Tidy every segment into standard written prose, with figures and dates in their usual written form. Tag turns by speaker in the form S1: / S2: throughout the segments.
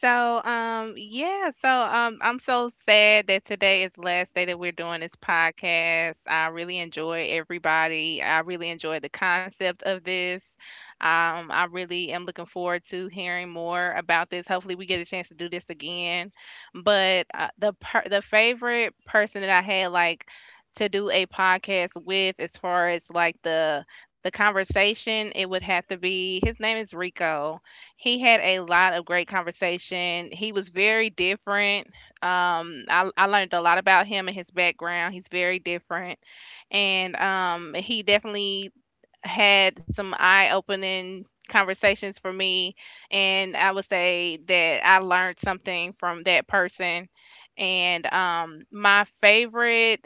S1: I'm so sad that today is the last day that we're doing this podcast. I really enjoy everybody. I really enjoy the concept of this. I really am looking forward to hearing more about this. Hopefully, we get a chance to do this again. But the favorite person that I had like to do a podcast with, as far as like the conversation, it would have to be his name is Rico. He had a lot of great conversation. He was very different. I learned a lot about him and his background. He's very different, and he definitely had some eye-opening conversations for me. And I would say that I learned something from that person. And my favorite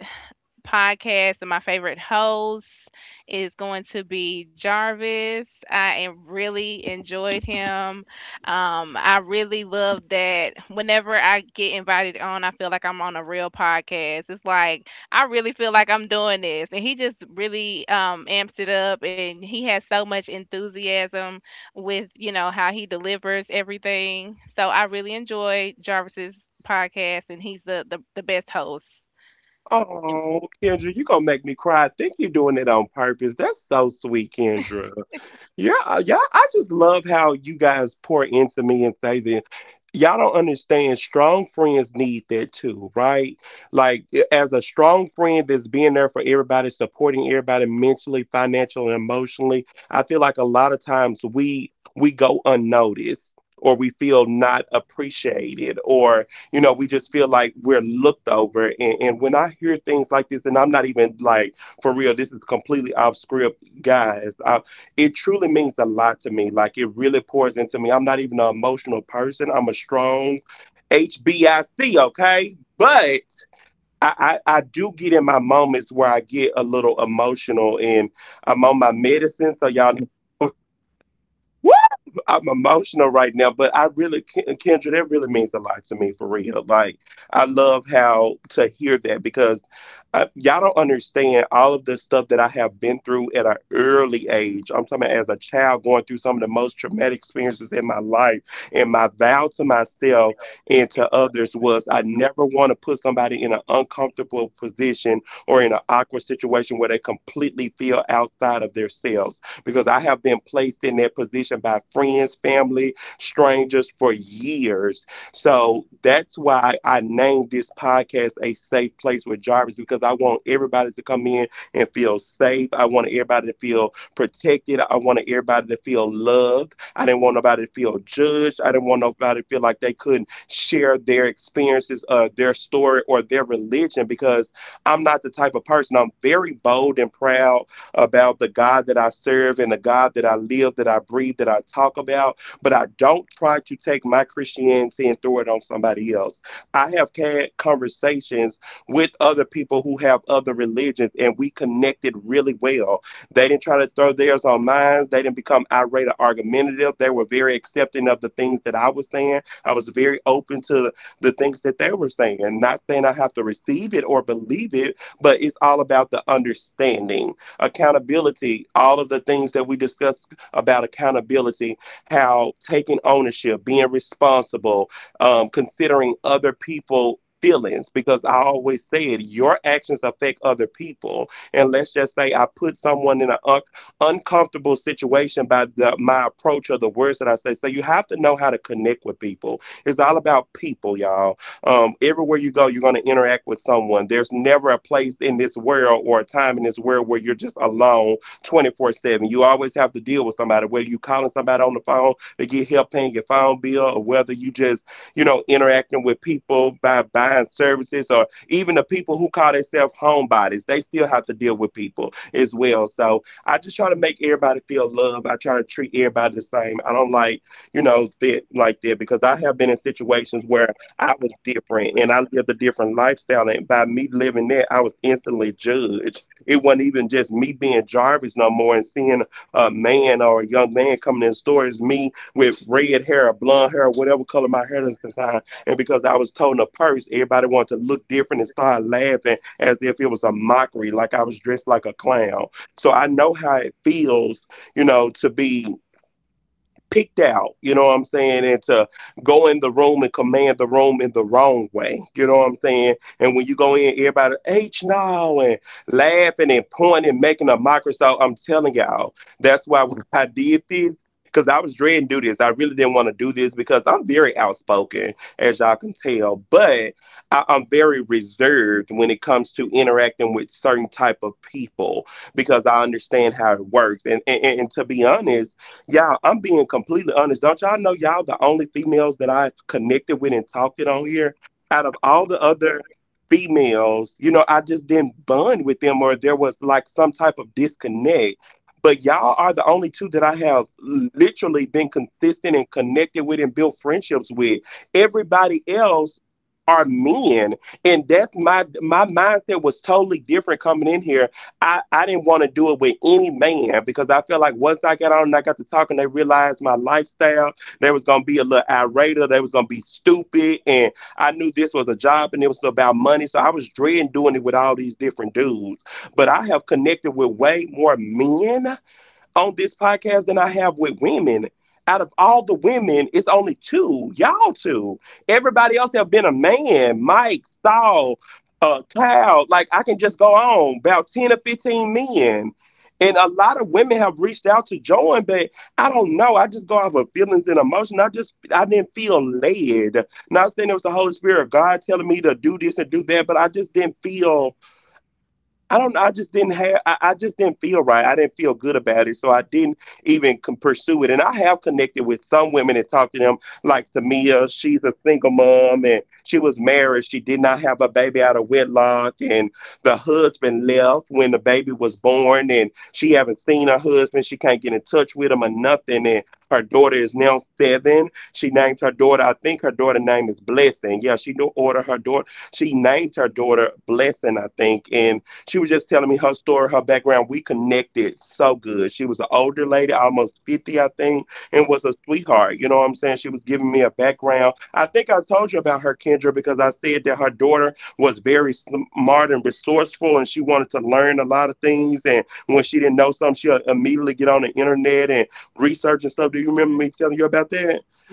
S1: podcast and my favorite host is going to be Jarvis. I am really enjoyed him. I really love that whenever I get invited on, I feel like I'm on a real podcast. It's like I really feel like I'm doing this, and he just really amps it up, and he has so much enthusiasm with you know how he delivers everything. So I really enjoy Jarvis's podcast, and he's the best host.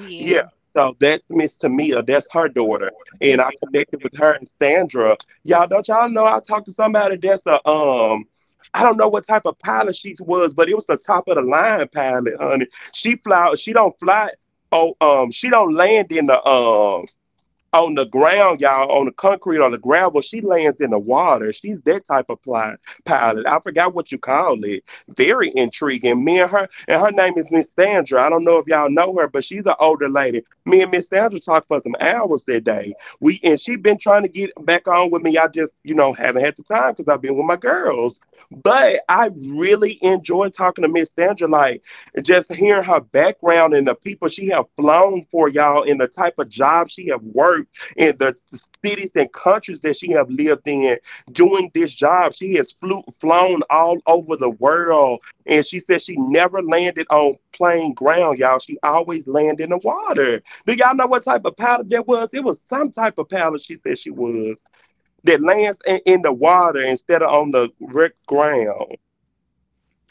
S1: Yeah.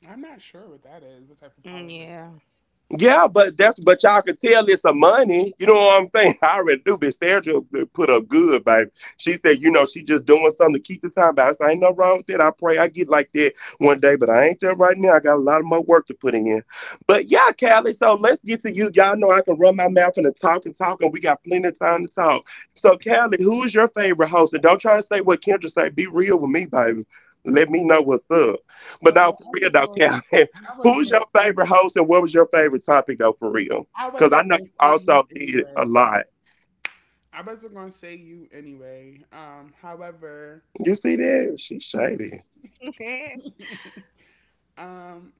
S2: I'm not sure what that is. What type of
S1: Mm,
S2: politics?
S1: yeah.
S2: Oh, but I wasn't. Going, I wasn't going to say. I wasn't going to say you anyway. I wasn't going to say you anyway. However, um,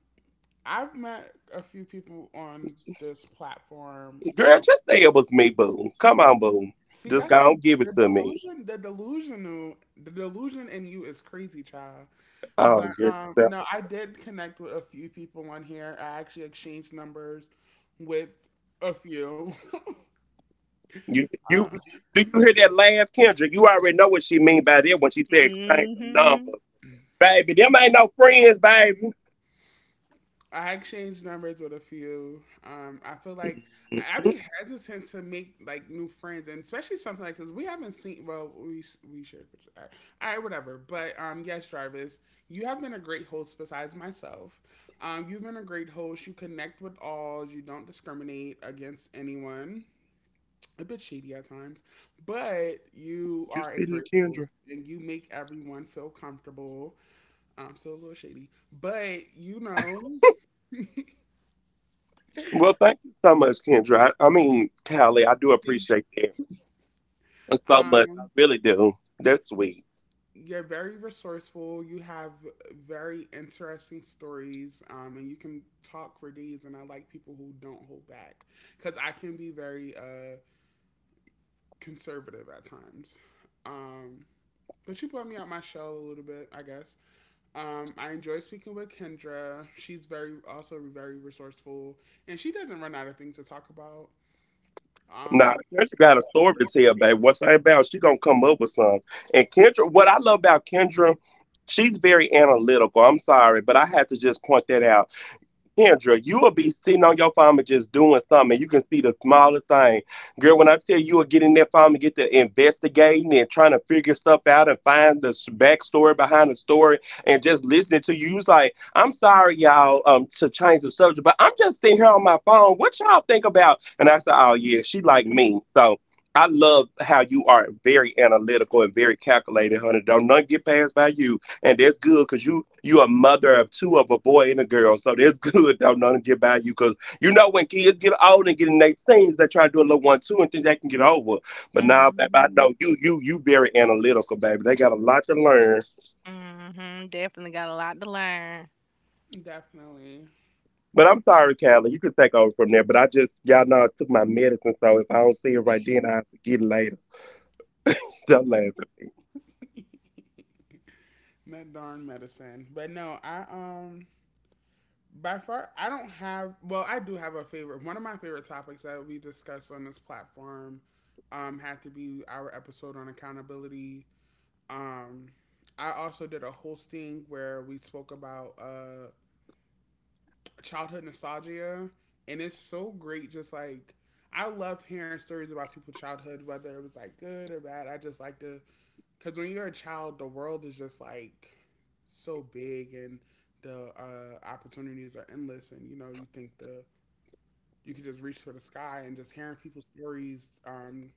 S2: I've met a few people on this platform. See, that's what the delusion. The delusional. The delusion in you is crazy, child. But no, I did connect with a few people on here. I actually exchanged numbers with a few. Uh,
S1: Mhm.
S2: I exchanged numbers with a few. I feel like I'd be hesitant to make like new friends, and especially something like this. We haven't seen. Well, we should. But all right, whatever. But yes, Jarvis, you have been a great host. Besides myself, you've been a great host. You connect with all. You don't discriminate against anyone. A bit shady at times, but you are a great host and you make everyone feel comfortable. So a little shady, but um, you're very resourceful. You have very interesting stories, and you can talk for days. And I like people who don't hold back because I can be very conservative at times. Um, but you brought me out my shell a little bit, I guess. I enjoy speaking with Kendra. She's very also very resourceful, and she doesn't run out of things to talk about. Um,
S1: Mhm. Mhm. Definitely got a lot to learn.
S2: definitely, that darn medicine. But no, I by far I don't have. Well, I do have a favorite. One of my favorite topics that we discussed on this platform had to be our episode on accountability. Um, I also did a hosting where we spoke about childhood nostalgia, and it's so great. Just like I love hearing stories about people's childhood, whether it was like good or bad. I just like to, because when you're a child, the world is just like so big, and the opportunities are endless. And you know, you think the you could just reach for the sky, and just hearing people's stories.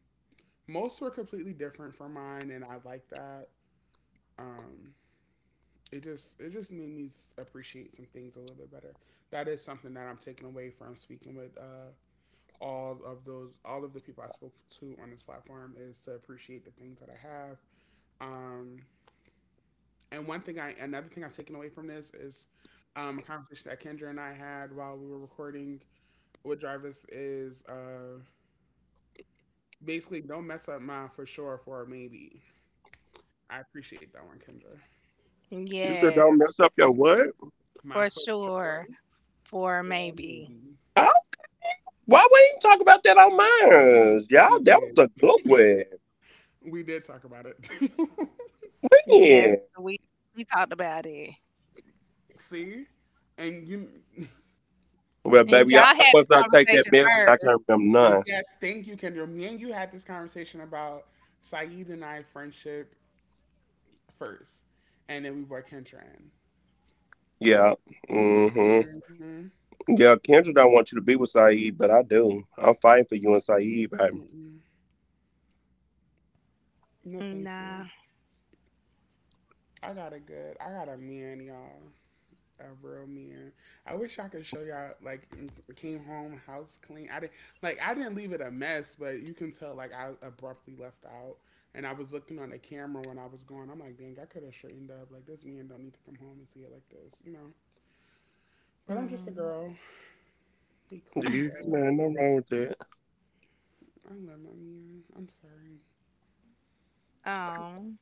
S2: Most were completely different from mine, and I like that. Um, it just made me appreciate some things a little bit better. That is something that I'm taking away from speaking with all of the people I spoke to on this platform, is to appreciate the things that I have. Um, and one thing I another thing I've taken away from this is a conversation that Kendra and I had while we were recording with Jarvis, is basically don't mess up my for sure for a maybe. I appreciate that one, Kendra.
S1: Yes,
S2: My
S1: for
S2: for sure
S1: sure. For
S2: for a
S1: maybe.
S2: maybe. We did. We did talk about it.
S1: Yes, we we talked about it,
S2: See? And you
S1: and y'all had the conversation first.
S2: Yes, thank you, Kendra. Me and you had this conversation about Saeed and I friendship first, and then we brought Kendra in. Mm-hmm. Mm-mm. No, thank
S1: Nah.
S2: you. I got a man, y'all. A real man. I wish I could show y'all, like, came home, house clean. I didn't, like, I didn't leave it a mess, but you can tell, like, I abruptly left out. And I was looking on the camera when I was going. I'm like, dang, I could have straightened up. Like, this man don't need to come home and see it like this, you know? But I'm just a
S1: Mm.
S2: girl. They cleaned up. I love my Mia. I'm sorry.
S1: Oh,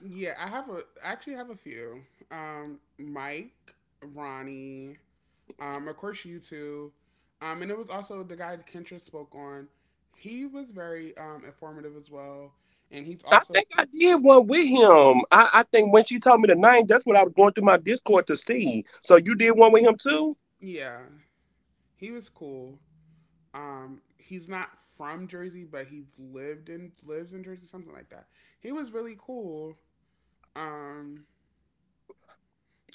S2: Yeah, I actually have a few. Mike, Ronnie, of course you two. And it was also the guy that Kendra spoke on. He was very informative as well. And he's also, yeah, he was cool. He's not from Jersey, but he's lived in lives in Jersey, something like that. He was really cool. Um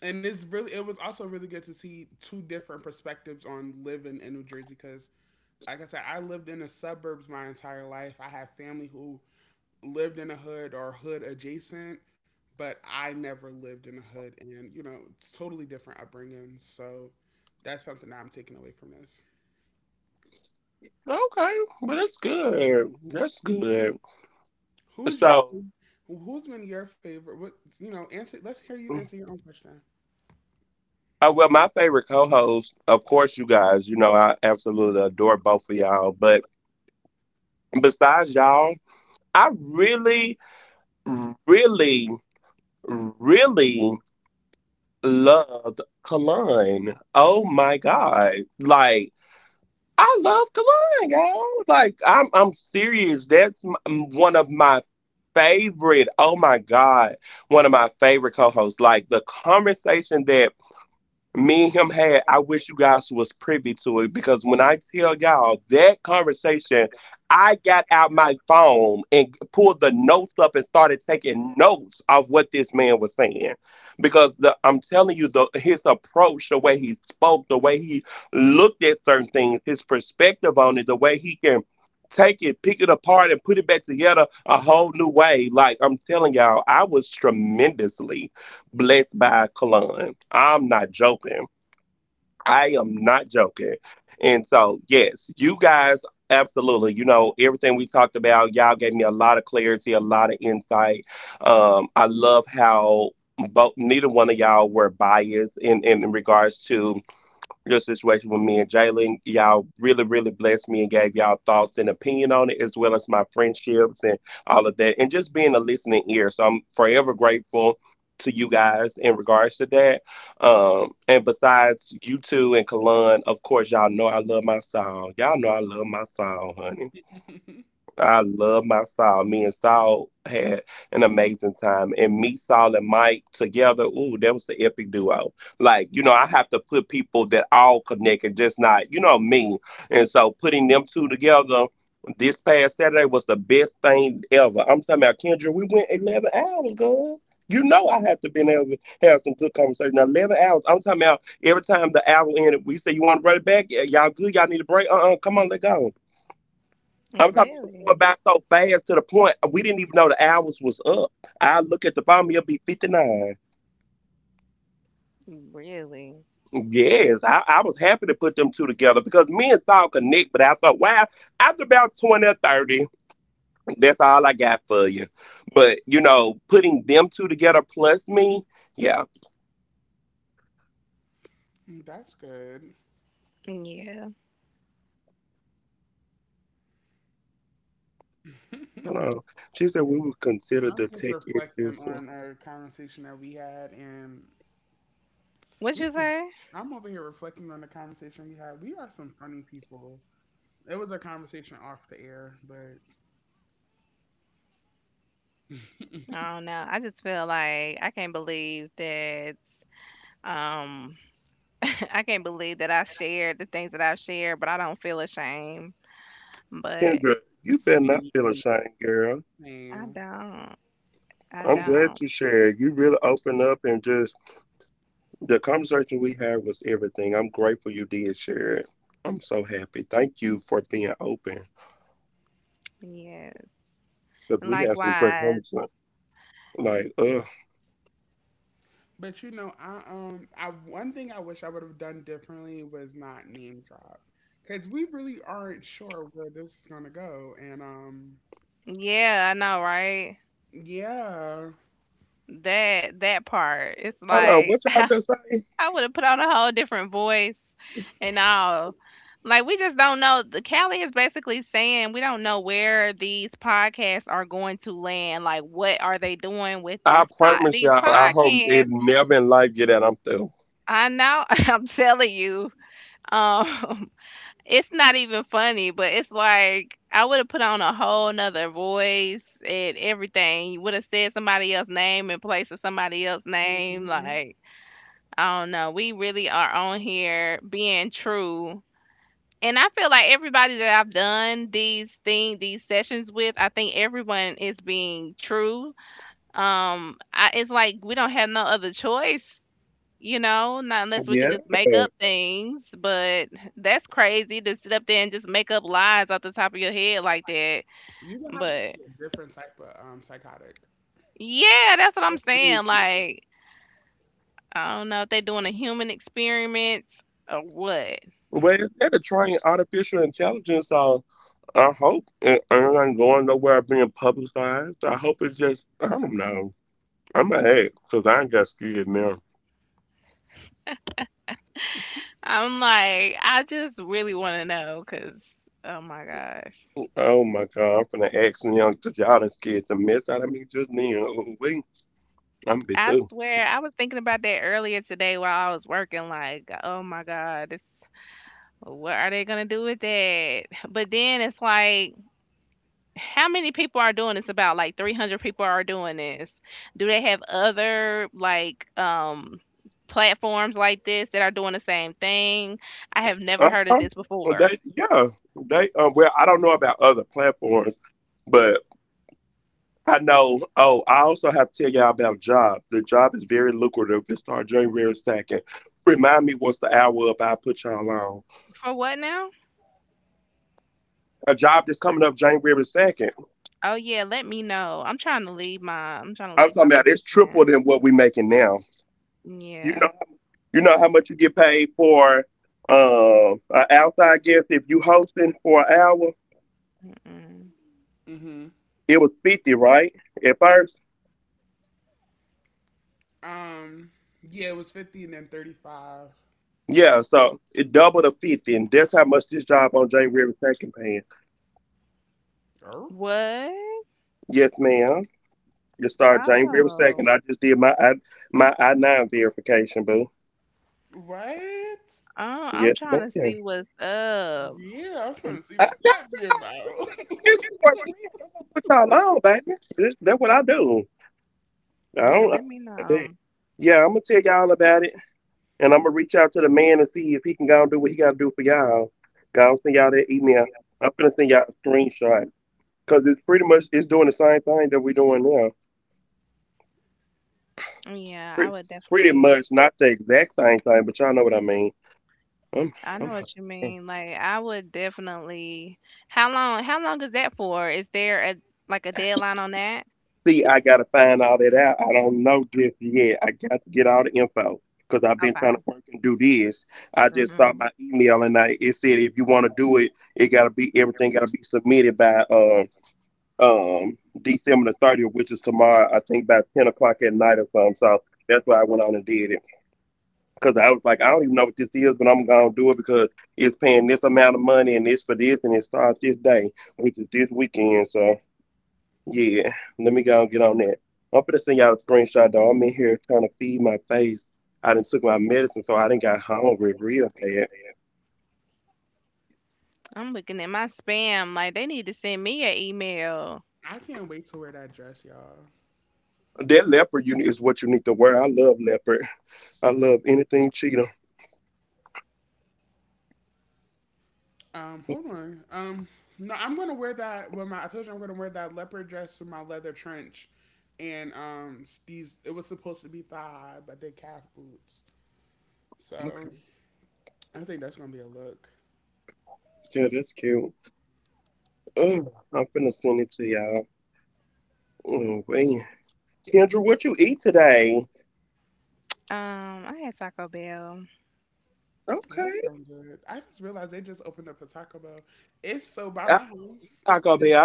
S2: and it's really it was also really good to see two different perspectives on living in New Jersey, because like I said, I lived in the suburbs my entire life. I have family who lived in a hood or hood adjacent, but I never lived in a hood, and you know, it's totally different upbringing. So that's something that I'm taking away from this. who's your Who's been your favorite? What you know Answer. Let's hear you answer your own question.
S1: really? Really?
S2: Mm, that's good.
S1: Yeah.
S2: I'm just reflecting on a conversation that we had, and
S1: What
S2: we
S1: you
S2: some,
S1: say?
S2: I'm over here reflecting on the conversation we had. We are some funny people. It was a conversation off the air, but
S1: I don't know. I just feel like I can't believe that. Um. I can't believe that I shared the things that I've shared, but I don't feel ashamed. But
S2: same,
S1: I
S2: same.
S1: don't. I don't. Yeah. And likewise.
S2: But I one thing I wish I would have done differently was not name drop, because we really aren't sure where this is gonna go, and
S1: Yeah, I know, right?
S2: yeah.
S1: That part. It's like I would have put on a whole different voice and all. Like we just don't know. The Callie is basically saying we don't know where these podcasts are going to land. Like what are they doing with this pod these podcasts? I know. I'm telling you. Um It's not even funny, but it's like I would have put on a whole nother voice and everything. You would have said somebody else's name in place of somebody else's name.
S2: Mhm.
S1: Like, I don't know. We really are on here being true. And I feel like everybody that I've done these sessions with, I think everyone is being true. It's like we don't have no other choice, you know, not unless we could just make up things, but that's crazy to sit up there and just make up lies off the top of your head like that.
S2: You would have to
S1: But
S2: be a different type of psychotic.
S1: yeah, that's what I'm saying. Like, I don't know if they're doing a human experiment or what. I'm like, I just really want to know because, oh my gosh. I swear, I was thinking about that earlier today while I was working. Like, oh my God, it's, what are they going to do with that? But then it's like, how many people are doing this? About like 300 people are doing this. Do they have other platforms like this that are doing the same thing? I have never heard of this before. For what now? Oh yeah, let me know. I'm trying to leave my position. Yeah. Mm-mm.
S2: Hmm. Um, yeah, it was 50 and then 35. Oh.
S1: What? Oh.
S2: Right?
S1: Oh, I'm trying to see what's up.
S2: Yeah, I was trying to see what that be about.
S1: Yeah, let me know. Yeah, I would definitely, I know what you mean. Like I would definitely, how long is that for? Is there a like a deadline on that? Okay. Hmm. I'm looking at my spam. Like they need to send me an email.
S2: I can't wait to wear that dress, y'all. Hold on. No, I'm gonna wear that with my. I told you I'm gonna wear that leopard dress with my leather trench, and these. It was supposed to be thigh, high, but they calf boots. So I think that's gonna be a look.
S1: I had Taco Bell.
S2: Well, that sounds good. I just realized they just opened up a Taco Bell. It's so by my house. It's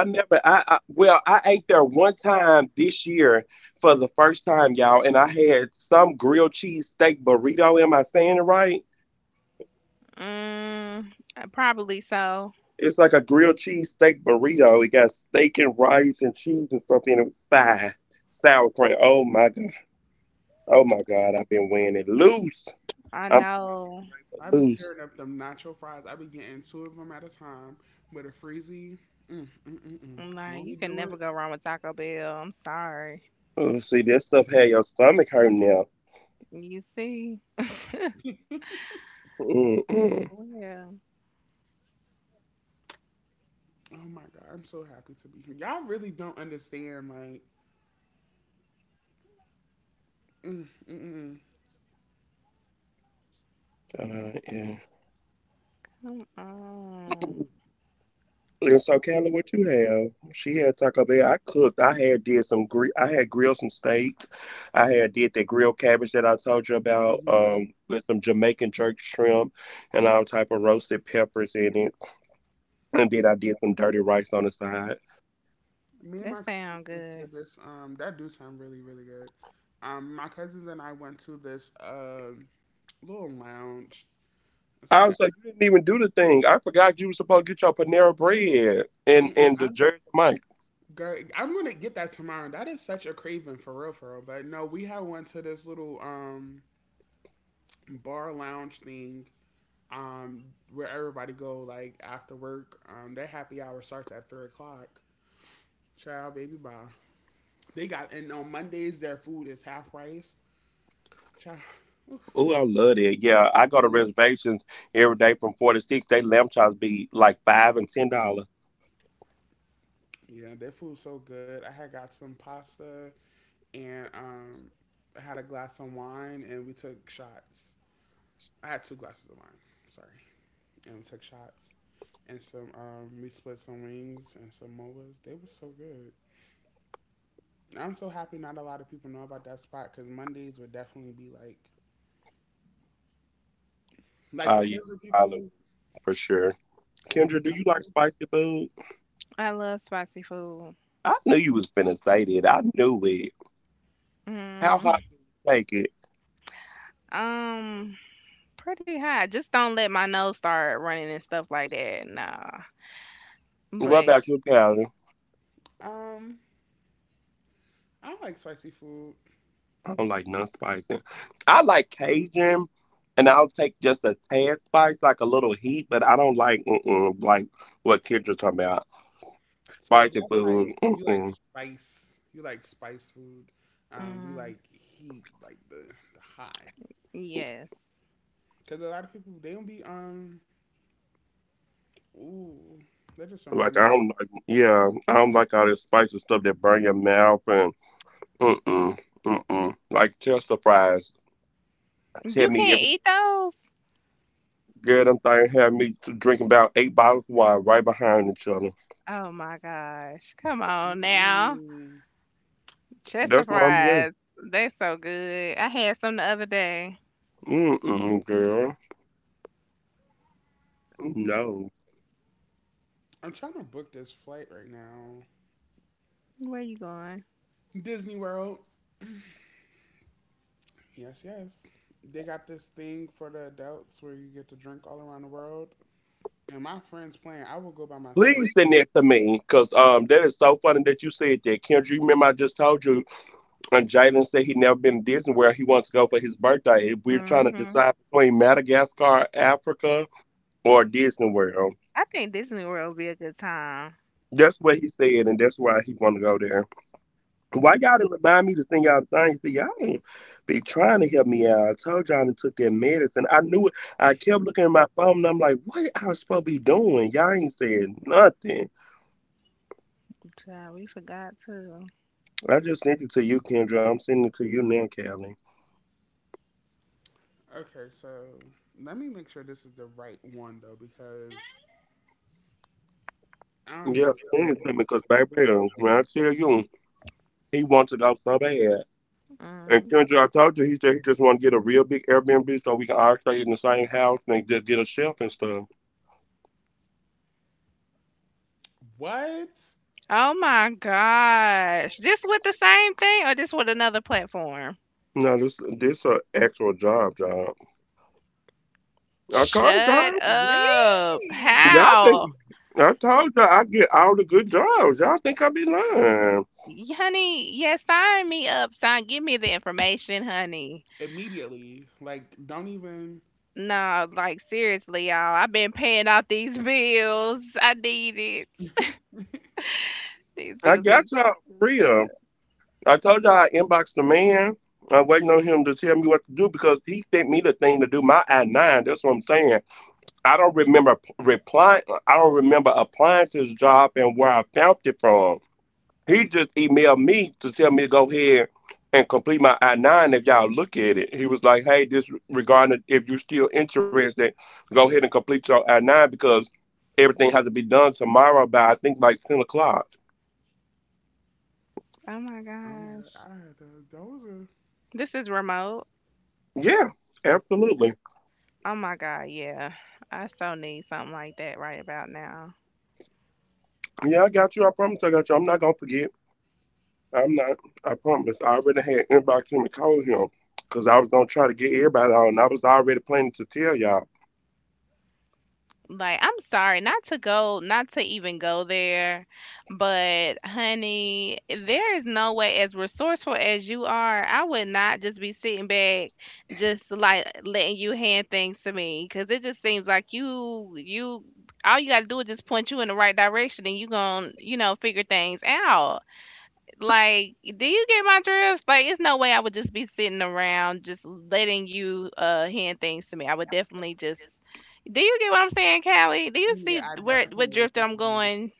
S1: Mm, probably so. I know.
S2: I be tearing up them nacho fries. I be getting two of them at a time with a freezy. Mm, mm, mm, mm.
S1: I'm
S2: not
S1: like,
S2: we
S1: you can
S2: do it,
S1: never go wrong with Taco Bell. I'm sorry. You see? Well,
S2: oh my god, I'm so happy to be here. Y'all really don't understand, like, mm, mm, mm, mm.
S1: um, um,
S2: Mm-hmm. Me and my
S1: that
S2: cousins
S1: sound
S2: went to
S1: good.
S2: this. That do sound really, really good. My cousins and I went to this little lounge. It's like a. Mm-mm. Girl, I'm gonna get that tomorrow. That is such a craving for real, for real. But no, we had went to this little bar lounge thing um where everybody go like after work. Their happy hour starts at 3 o'clock. Child, baby, bye. They got and on Mondays their food is half price. Child. Oof. Yeah, their food's so good. I had got some pasta and I had a glass of wine and we took shots. I had two glasses of wine. Sorry. And we took shots and some we split some wings and some moas. They were so good. I'm so happy not a lot of people know about that spot, because Mondays would definitely be like the corporate people. They be coming.
S1: I love spicy food. Mm, um, pretty high. Just don't let my nose start running and stuff like that. Nah. But
S2: Um, I like spicy food, so that's like you like spice food. We
S1: mm,
S2: like heat, like the hot.
S1: yes.
S2: Because a lot of people they don't be ooh, that just reminded me.
S1: You can't eat those? Oh my gosh. Come on now.
S2: Mm-mm.
S1: Chester fries. They so good. I had some the other day.
S2: I'm trying to book this flight right now.
S1: Where you going?
S2: Disney World. Yes, yes. They got this thing for the adults where you get to drink all around the world. And my friends playing, I will go by myself.
S1: Hmm. I think Disney World would be a good time.
S2: Yeah.
S1: Child, we forgot too.
S2: Okay, so let me make sure this is the right one though, because I don't even play.
S1: Mm.
S2: What?
S1: Oh my gosh. This with the same thing or just with another platform? Shut up.
S2: Wait!
S1: How? Honey, yeah, sign me up. Sign, give me the information, honey.
S2: Immediately, like, don't even.
S1: Nah, like seriously, y'all. I've been paying off these bills. I need it. These bills been too up. Oh my
S2: Oh my god,
S1: gosh.
S2: I had a, those are.
S1: This is remote. Oh my god, yeah. I so need something like that right about now. Like, I'm sorry, not to even go there, but honey, there is no way, as resourceful as you are, I would not just be sitting back, just like letting you hand things to me, because it just seems like all you gotta do is just point you in the right direction, and you gonna, you know, figure things out. Like, do you get my drift? Like, it's no way I would just be sitting around just letting you hand things to me. I would definitely just. Do you get what I'm saying, Callie? Do you
S2: Yeah,
S1: see
S2: I
S1: where
S2: definitely get
S1: what
S2: what
S1: drift I'm
S2: you're saying.
S1: going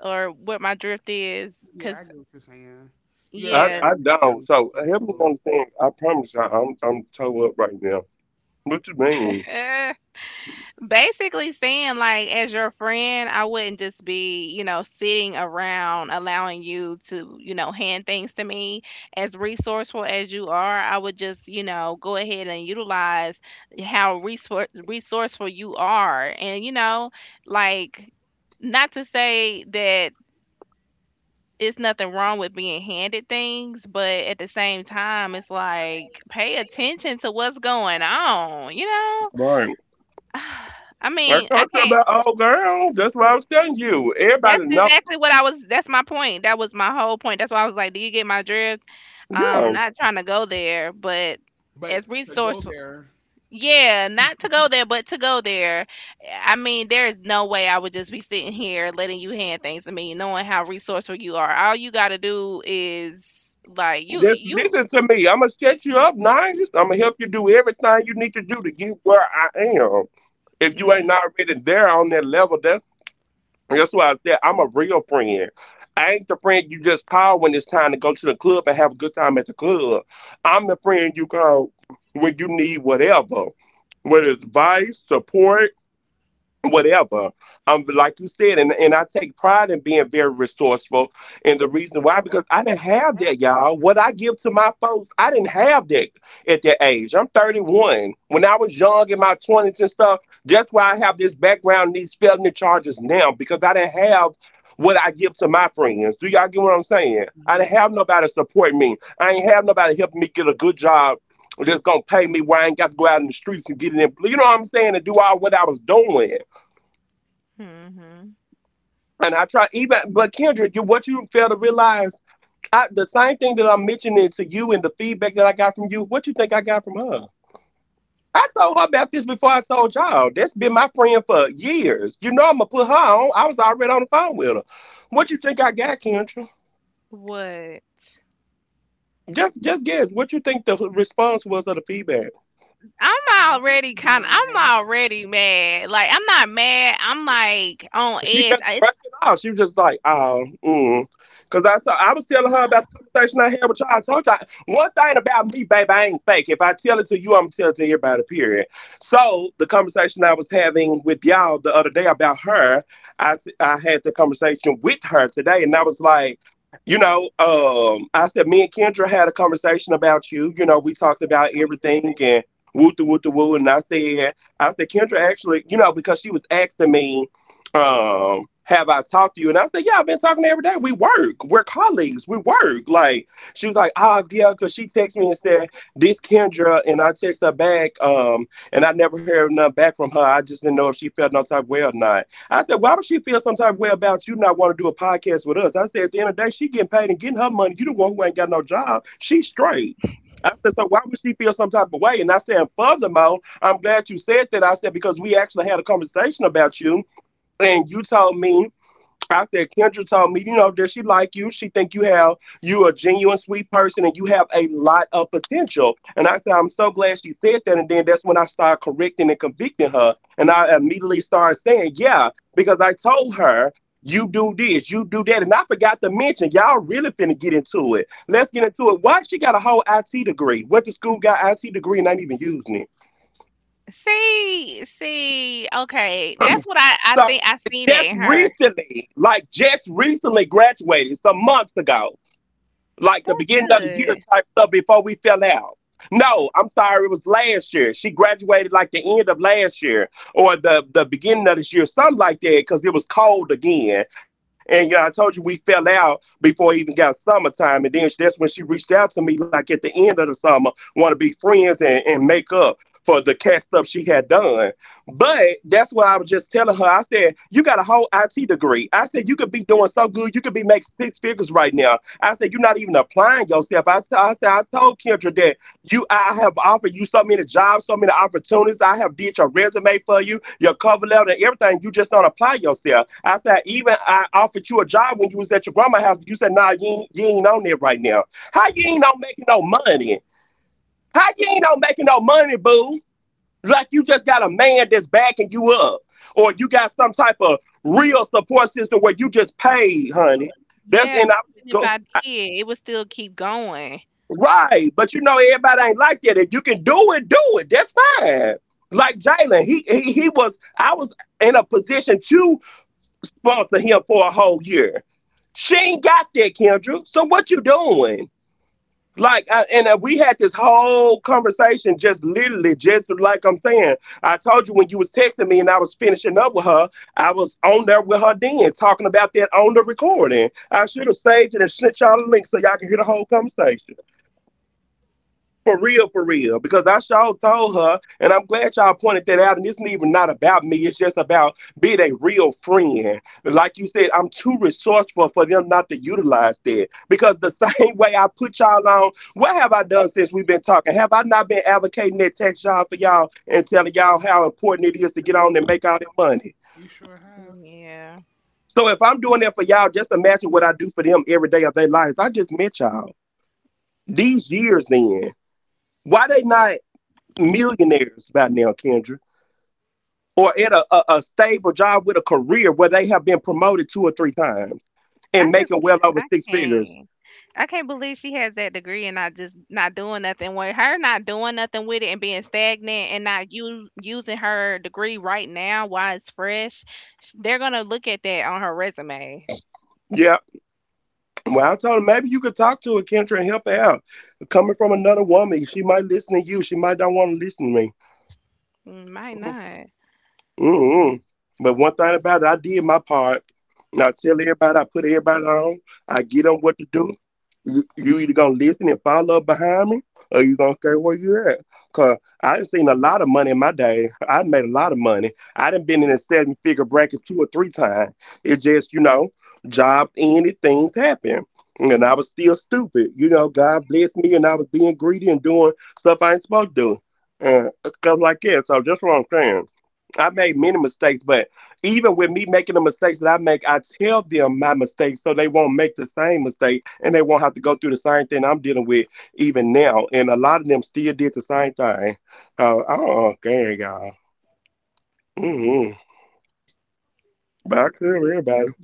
S1: or what my drift is?
S2: Yeah, I
S1: Cause
S2: get what you're saying. You're very,
S1: yeah,
S2: very resourceful.
S1: basically saying like as your friend, I wouldn't just be, you know, sitting around allowing you to, you know, hand things to me. As resourceful as you are, I would just, you know, go ahead and utilize how resourceful you are and you know, like, not to say that it's nothing wrong with being handed things, but at the same time it's like pay attention to what's going on, you know. I mean, I can't. That's exactly what I was, that's my point. That was my whole point. That's why I was like, do you get my drift? Not trying to go there, but
S2: But
S1: as
S2: to go
S1: resourceful.
S2: there,
S1: Yeah, not to go there, but to go there. I mean, there is no way I would just be sitting here letting you hand things to me, knowing how resourceful you are. All you got to do is like you mm,
S2: So I just, I did. Mm-hmm.
S1: hmm what?
S2: Well, I'm not doing
S1: I'm already mad. Like, I'm not mad. I'm like on edge.
S2: something about everything.
S1: Okay, that's what I think I see that in her. Good. Yeah, even if I did, it would still keep going.
S2: You sure have.
S1: Yeah. I just I can't. I can't believe she has that degree and not just not doing nothing with it and being stagnant and not u- using her degree right now while it's fresh. They're going to look at that on her resume. Mm, might not.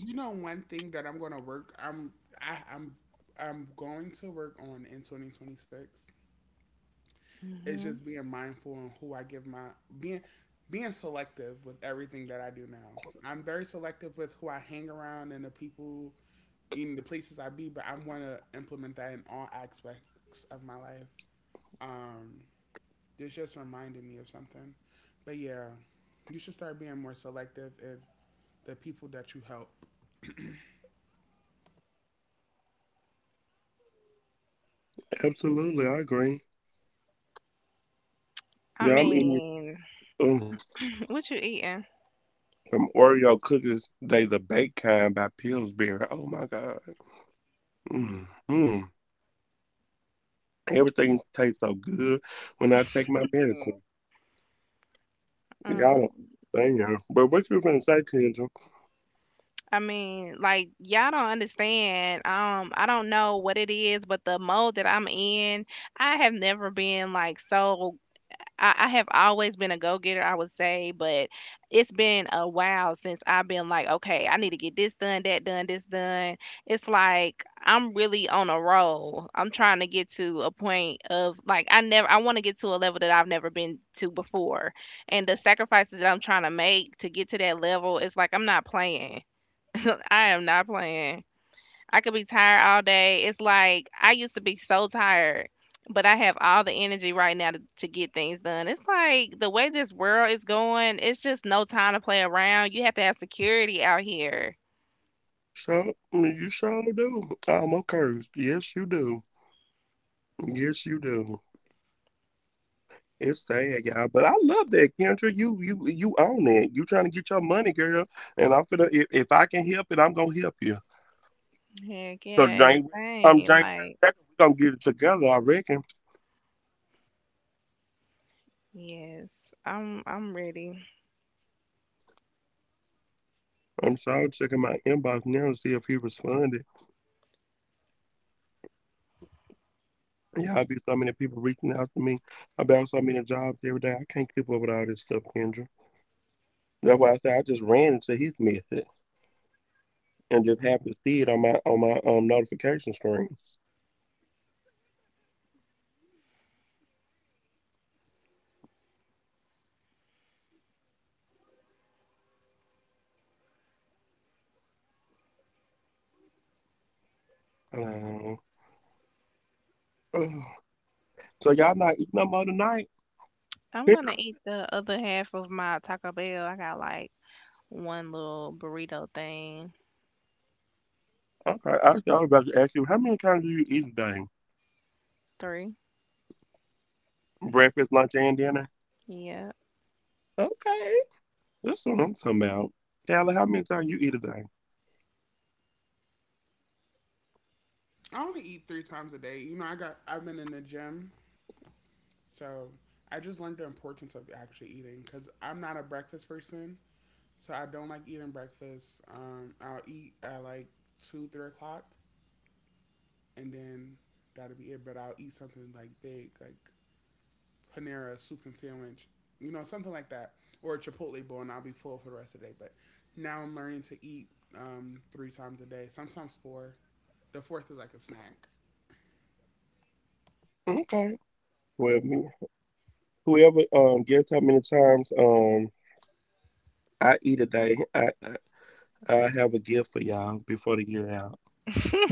S2: You know one thing that I'm gonna work. I'm I, I'm going to work on in 2026. Is just
S1: Hmm.
S2: being mindful on who I give my, being being selective with everything that I do now. I'm very selective with who I hang around and the people, even the places I be. But I'm gonna implement that in all aspects of my life. Um, This just reminded me of something. But yeah, you should start being more selective if the people that you help.
S1: I mean, what you eating? Um, I mean, like y'all don't understand. I don't know what it is, but the mode that I'm in, I have never been I have always been a go getter, I would say, but it's been a while since I've been like, okay, I need to get this done, that done, this done. It's like I'm really on a roll. I'm trying to get to a point of like, I never, I want to get to a level that I've never been to before. And the sacrifices that I'm trying to make to get to that level, it's like I'm not playing. I am not playing. I could be tired all day. It's like I used to be so tired, but I have all the energy right now to get things done. It's like the way this world is going, it's just no time to play around. You have to have security out here. Heck yeah, and the same. Like, yes, I'm ready. I'm gonna eat the other half of my Taco Bell. I got like one little burrito thing. Three. Yeah.
S2: I only eat three times a day. You know, I've been in the gym, so I just learned the importance of actually eating, because I'm not a breakfast person, so I don't like eating breakfast. I'll eat at like two, 3 o'clock, and then that'll be it. But I'll eat something like big, like Panera soup and sandwich, you know, something like that, or a Chipotle bowl, and I'll be full for the rest of the day. But now I'm learning to eat three times a day, sometimes four. The fourth is like a snack.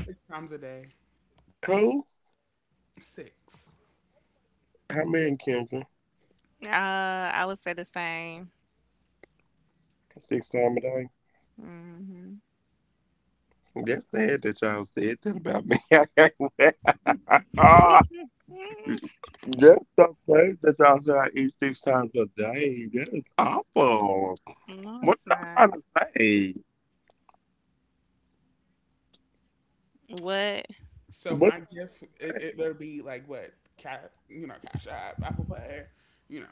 S2: Six times a day, six.
S1: I would say the same. Hmm. No, it's not. What?
S2: So my gift, it'll be like what, cat, you know, Cash App, Apple Pay, you know.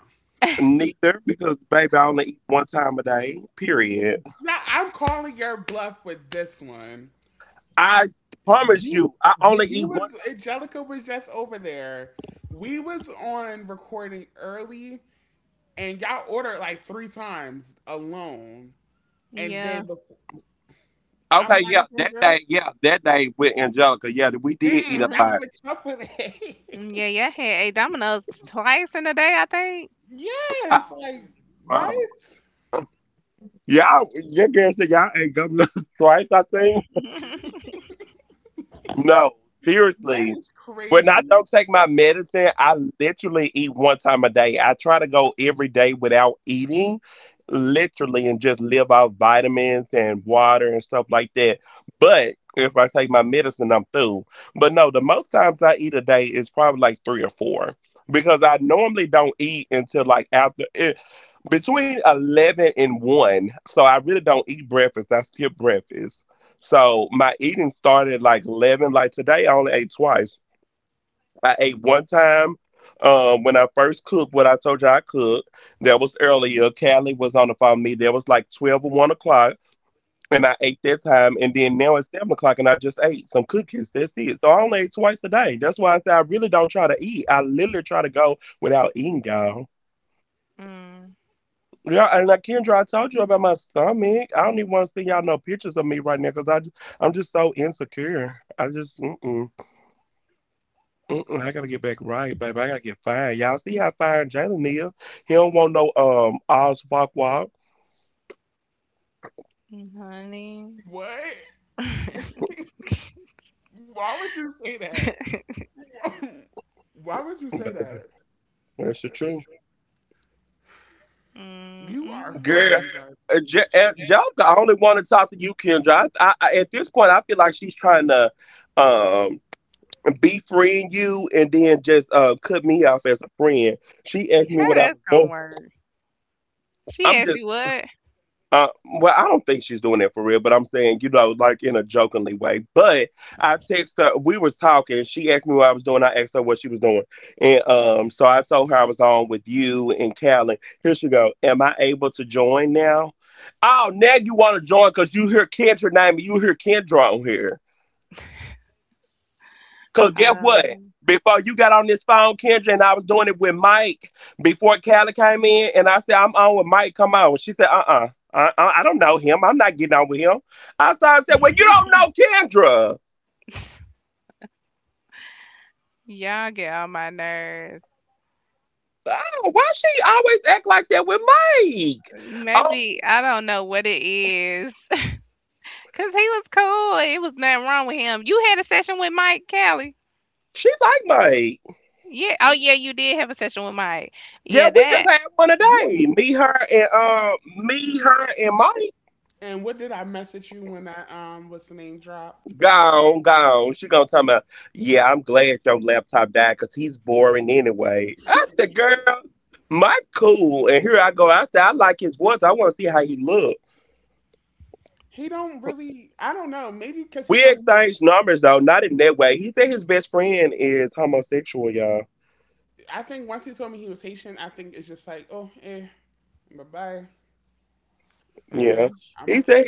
S2: Now I'm calling your bluff with this one. You, when you was Angelica was just over there. We was on recording early, and y'all ordered like three times alone, and then
S1: Yeah.
S2: before I'm lying, Kendra. Mm-mm, that was a cup of
S1: Yeah,
S2: it.
S1: yeah, I had ate Domino's twice in a day, I think.
S2: Yes, like what? That is crazy.
S1: mm, honey.
S2: What? Why would you say that? Why would you say that? That's the truth. You are
S1: Mm-mm.
S2: fine, Yeah. Justice.
S1: How that's gonna work? She asked you what? I don't know. Y'all get on my nerves. Mm, maybe I don't know what it is. Cause he was cool. It was nothing wrong with him. You had a session with Mike Callie. Yeah.
S2: A
S1: Oh yeah, you did have a session with Mike. Yeah, that.
S2: You- And what did I message you when I what's the name dropped? He don't really I don't know, maybe because he told me he was I think once he told me he was Haitian, I think it's just like, oh, eh, bye bye.
S1: Mm,
S2: I'm okay.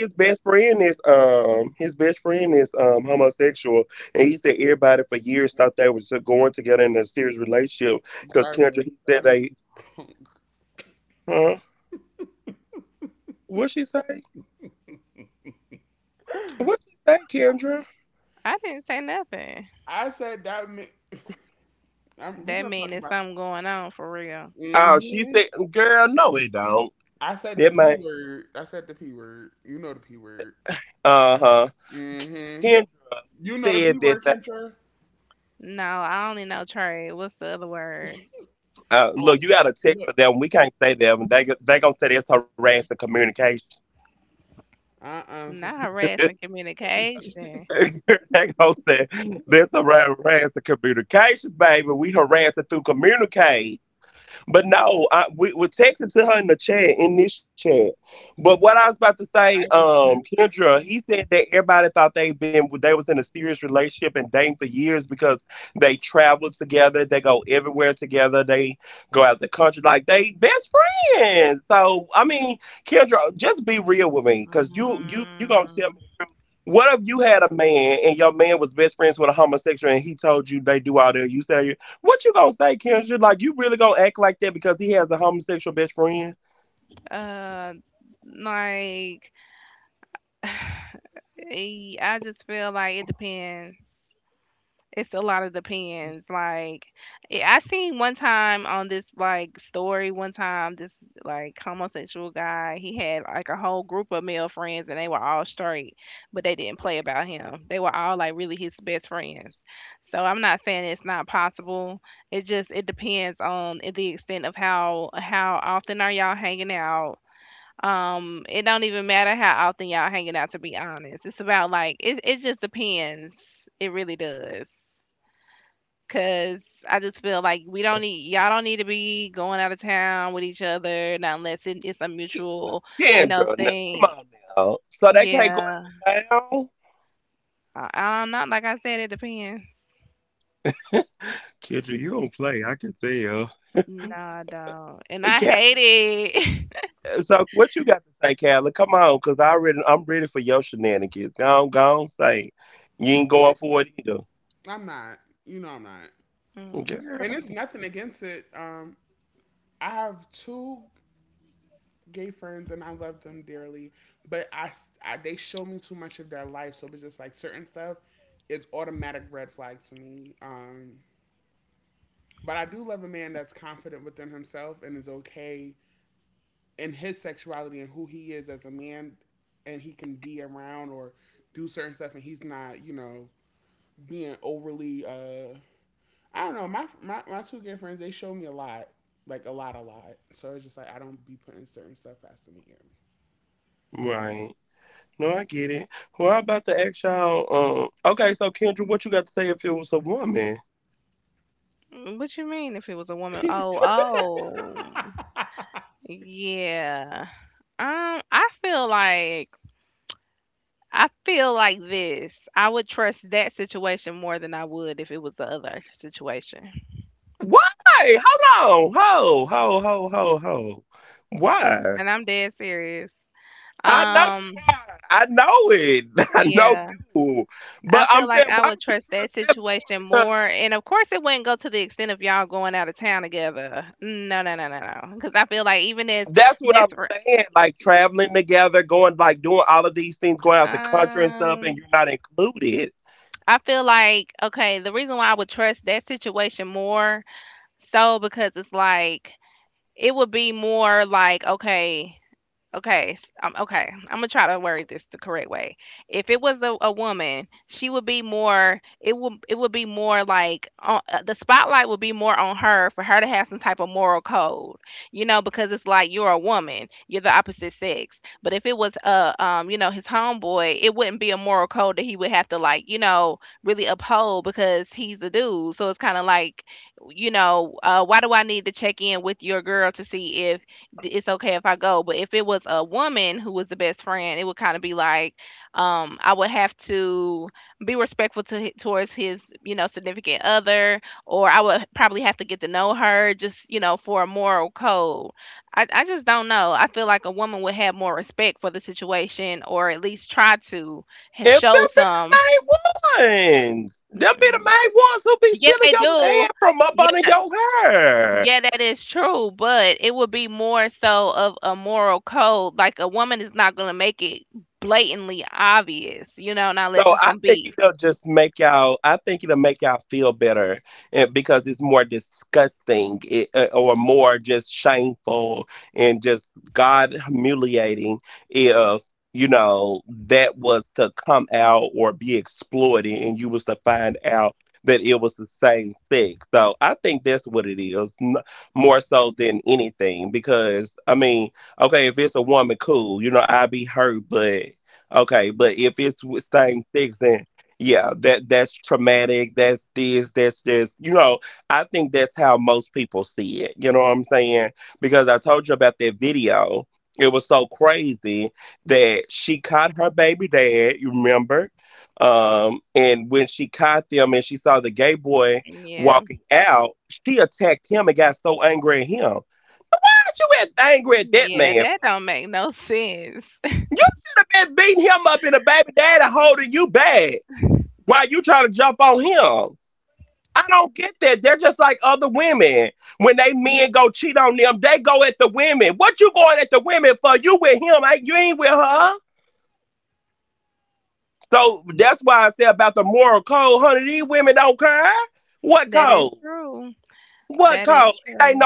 S2: Jarvis, that means wrong.
S1: I didn't say nothing.
S2: I said that. Means we're
S1: That
S2: gonna
S1: mean
S2: talk
S1: there's
S2: about.
S1: something going on for real.
S2: Hmm. I said the p word. I said the p word. You know the p word. Hmm. You know the p word, Kendra.
S1: No, I only know trade. What's the other word?
S2: Oh, look. Uh,
S1: Not
S2: sissy.
S1: harassing communication.
S2: I just texted it.
S1: Mm, uh, like I just feel like it depends. It's a lot of depends. Like I seen one time on this like story one time this like homosexual guy, he had like a whole group of male friends and they were all straight, but they didn't play about him. They were all like really his best friends. So I'm not saying it's not possible. It just it depends on the extent of how often are y'all hanging out. It don't even matter how often y'all hanging out to be honest. It's about like it just depends. It really does. 'Cause I just feel like we don't need y'all don't need to be going out of town with each other, not unless it's a mutual, you know, thing. Yeah, I don't, like I said, it depends. No, I don't, and I hate it.
S2: I just, I'm not. You know I'm not. And it's nothing against it. I have two gay friends and I love them dearly, but I they show me too much of their life, so it's just like certain stuff is automatic red flags to me. But I do love a man that's confident within himself and is okay in his sexuality and who he is as a man, and he can be around or do certain stuff, and he's not, you know, being overly. I don't know. My two gay friends they show me a lot, like a lot, a lot. So it's just like I don't be putting certain stuff past me. In.
S1: What you mean if it was a woman? Oh, yeah. I feel like this. I would trust that situation more than I would if it was the other situation. And I'm dead serious. Um, yeah, I feel like I would trust that situation more, and of course, it wouldn't go to the extent of y'all going out of town together. No, no, no, no, no. Because I feel like even as best friend, um, I feel like okay, the reason why I would trust that situation more so because it's like it would be more like okay. Okay. I'm gonna try to word this the correct way. If it was a woman, she would be more. It would be more like the spotlight would be more on her for her to have some type of moral code, you know, because it's like you're a woman, you're the opposite sex. But if it was a you know, his homeboy, it wouldn't be a moral code that he would have to like, you know, really uphold because he's a dude. So it's kind of like, you know, why do I need to check in with your girl to see if it's okay if I go. But if it was a woman who was the best friend, it would kind of be like, I would have to be respectful to towards his, you know, significant other, or I would probably have to get to know her just, you know, for a moral code. I just don't know. I feel like a woman would have more respect for the situation, or at least try to show some. Mm, mm. Yeah, they do. Yeah, yeah, that is true, but it would be more so of a moral code. Like a woman is not gonna make it blatantly obvious, you know, not unless it's some beef. Yeah. Yeah, that don't make no sense. That is true. That is true.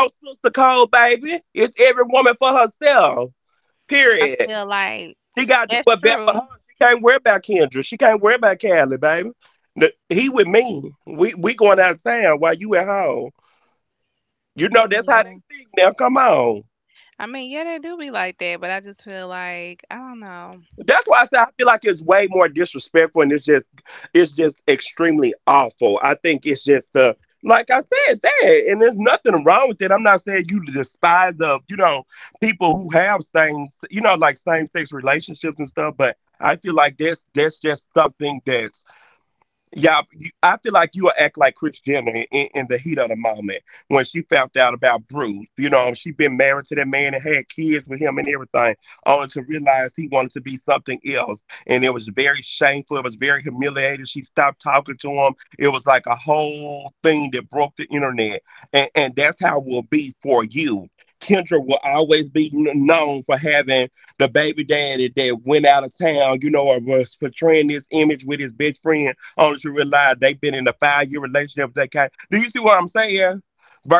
S1: I feel like that's true. Yeah. I mean, yeah, they do be like that, but I just feel like I don't know.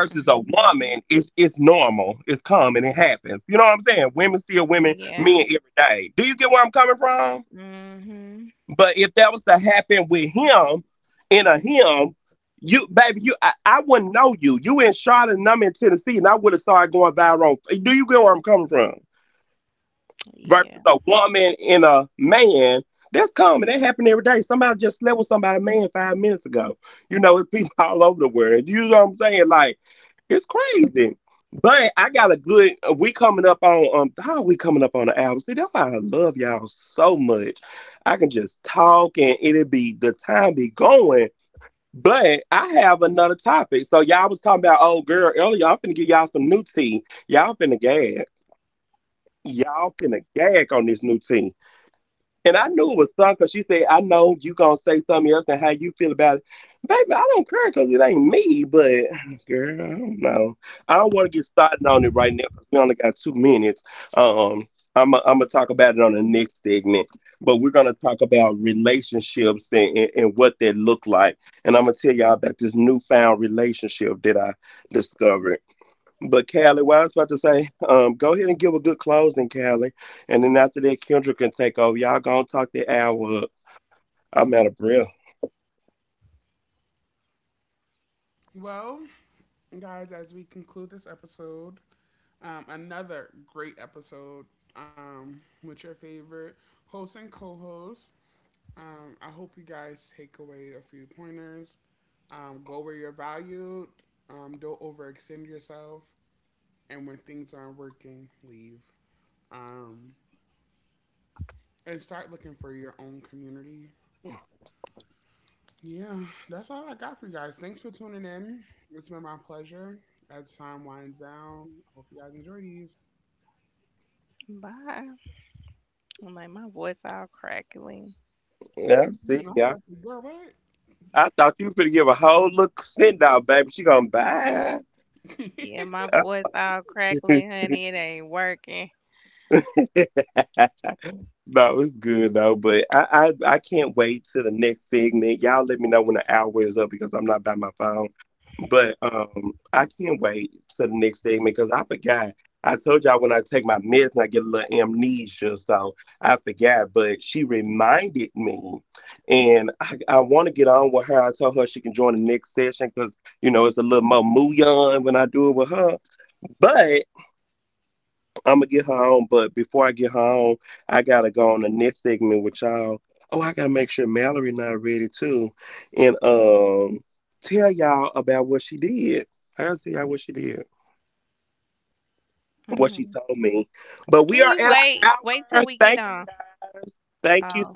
S1: Hmm. Yeah. Hmm. Yeah.
S2: Well, guys, as we conclude this episode, another great episode with your favorite host and co host. I hope you guys take away a few pointers. Go where you're valued. Don't overextend yourself. And when things aren't working, leave. Um, and start looking for your own community. Yeah, that's all I got for you guys. Thanks for tuning in. It's been my pleasure. As time winds down, I hope you guys enjoy these.
S1: Bye. I'm like my voice all crackly.
S2: Mm, I got some good, right.
S1: Yeah, my voice all crackling, honey. It ain't working. Can you wait? Wait till we get on. Oh.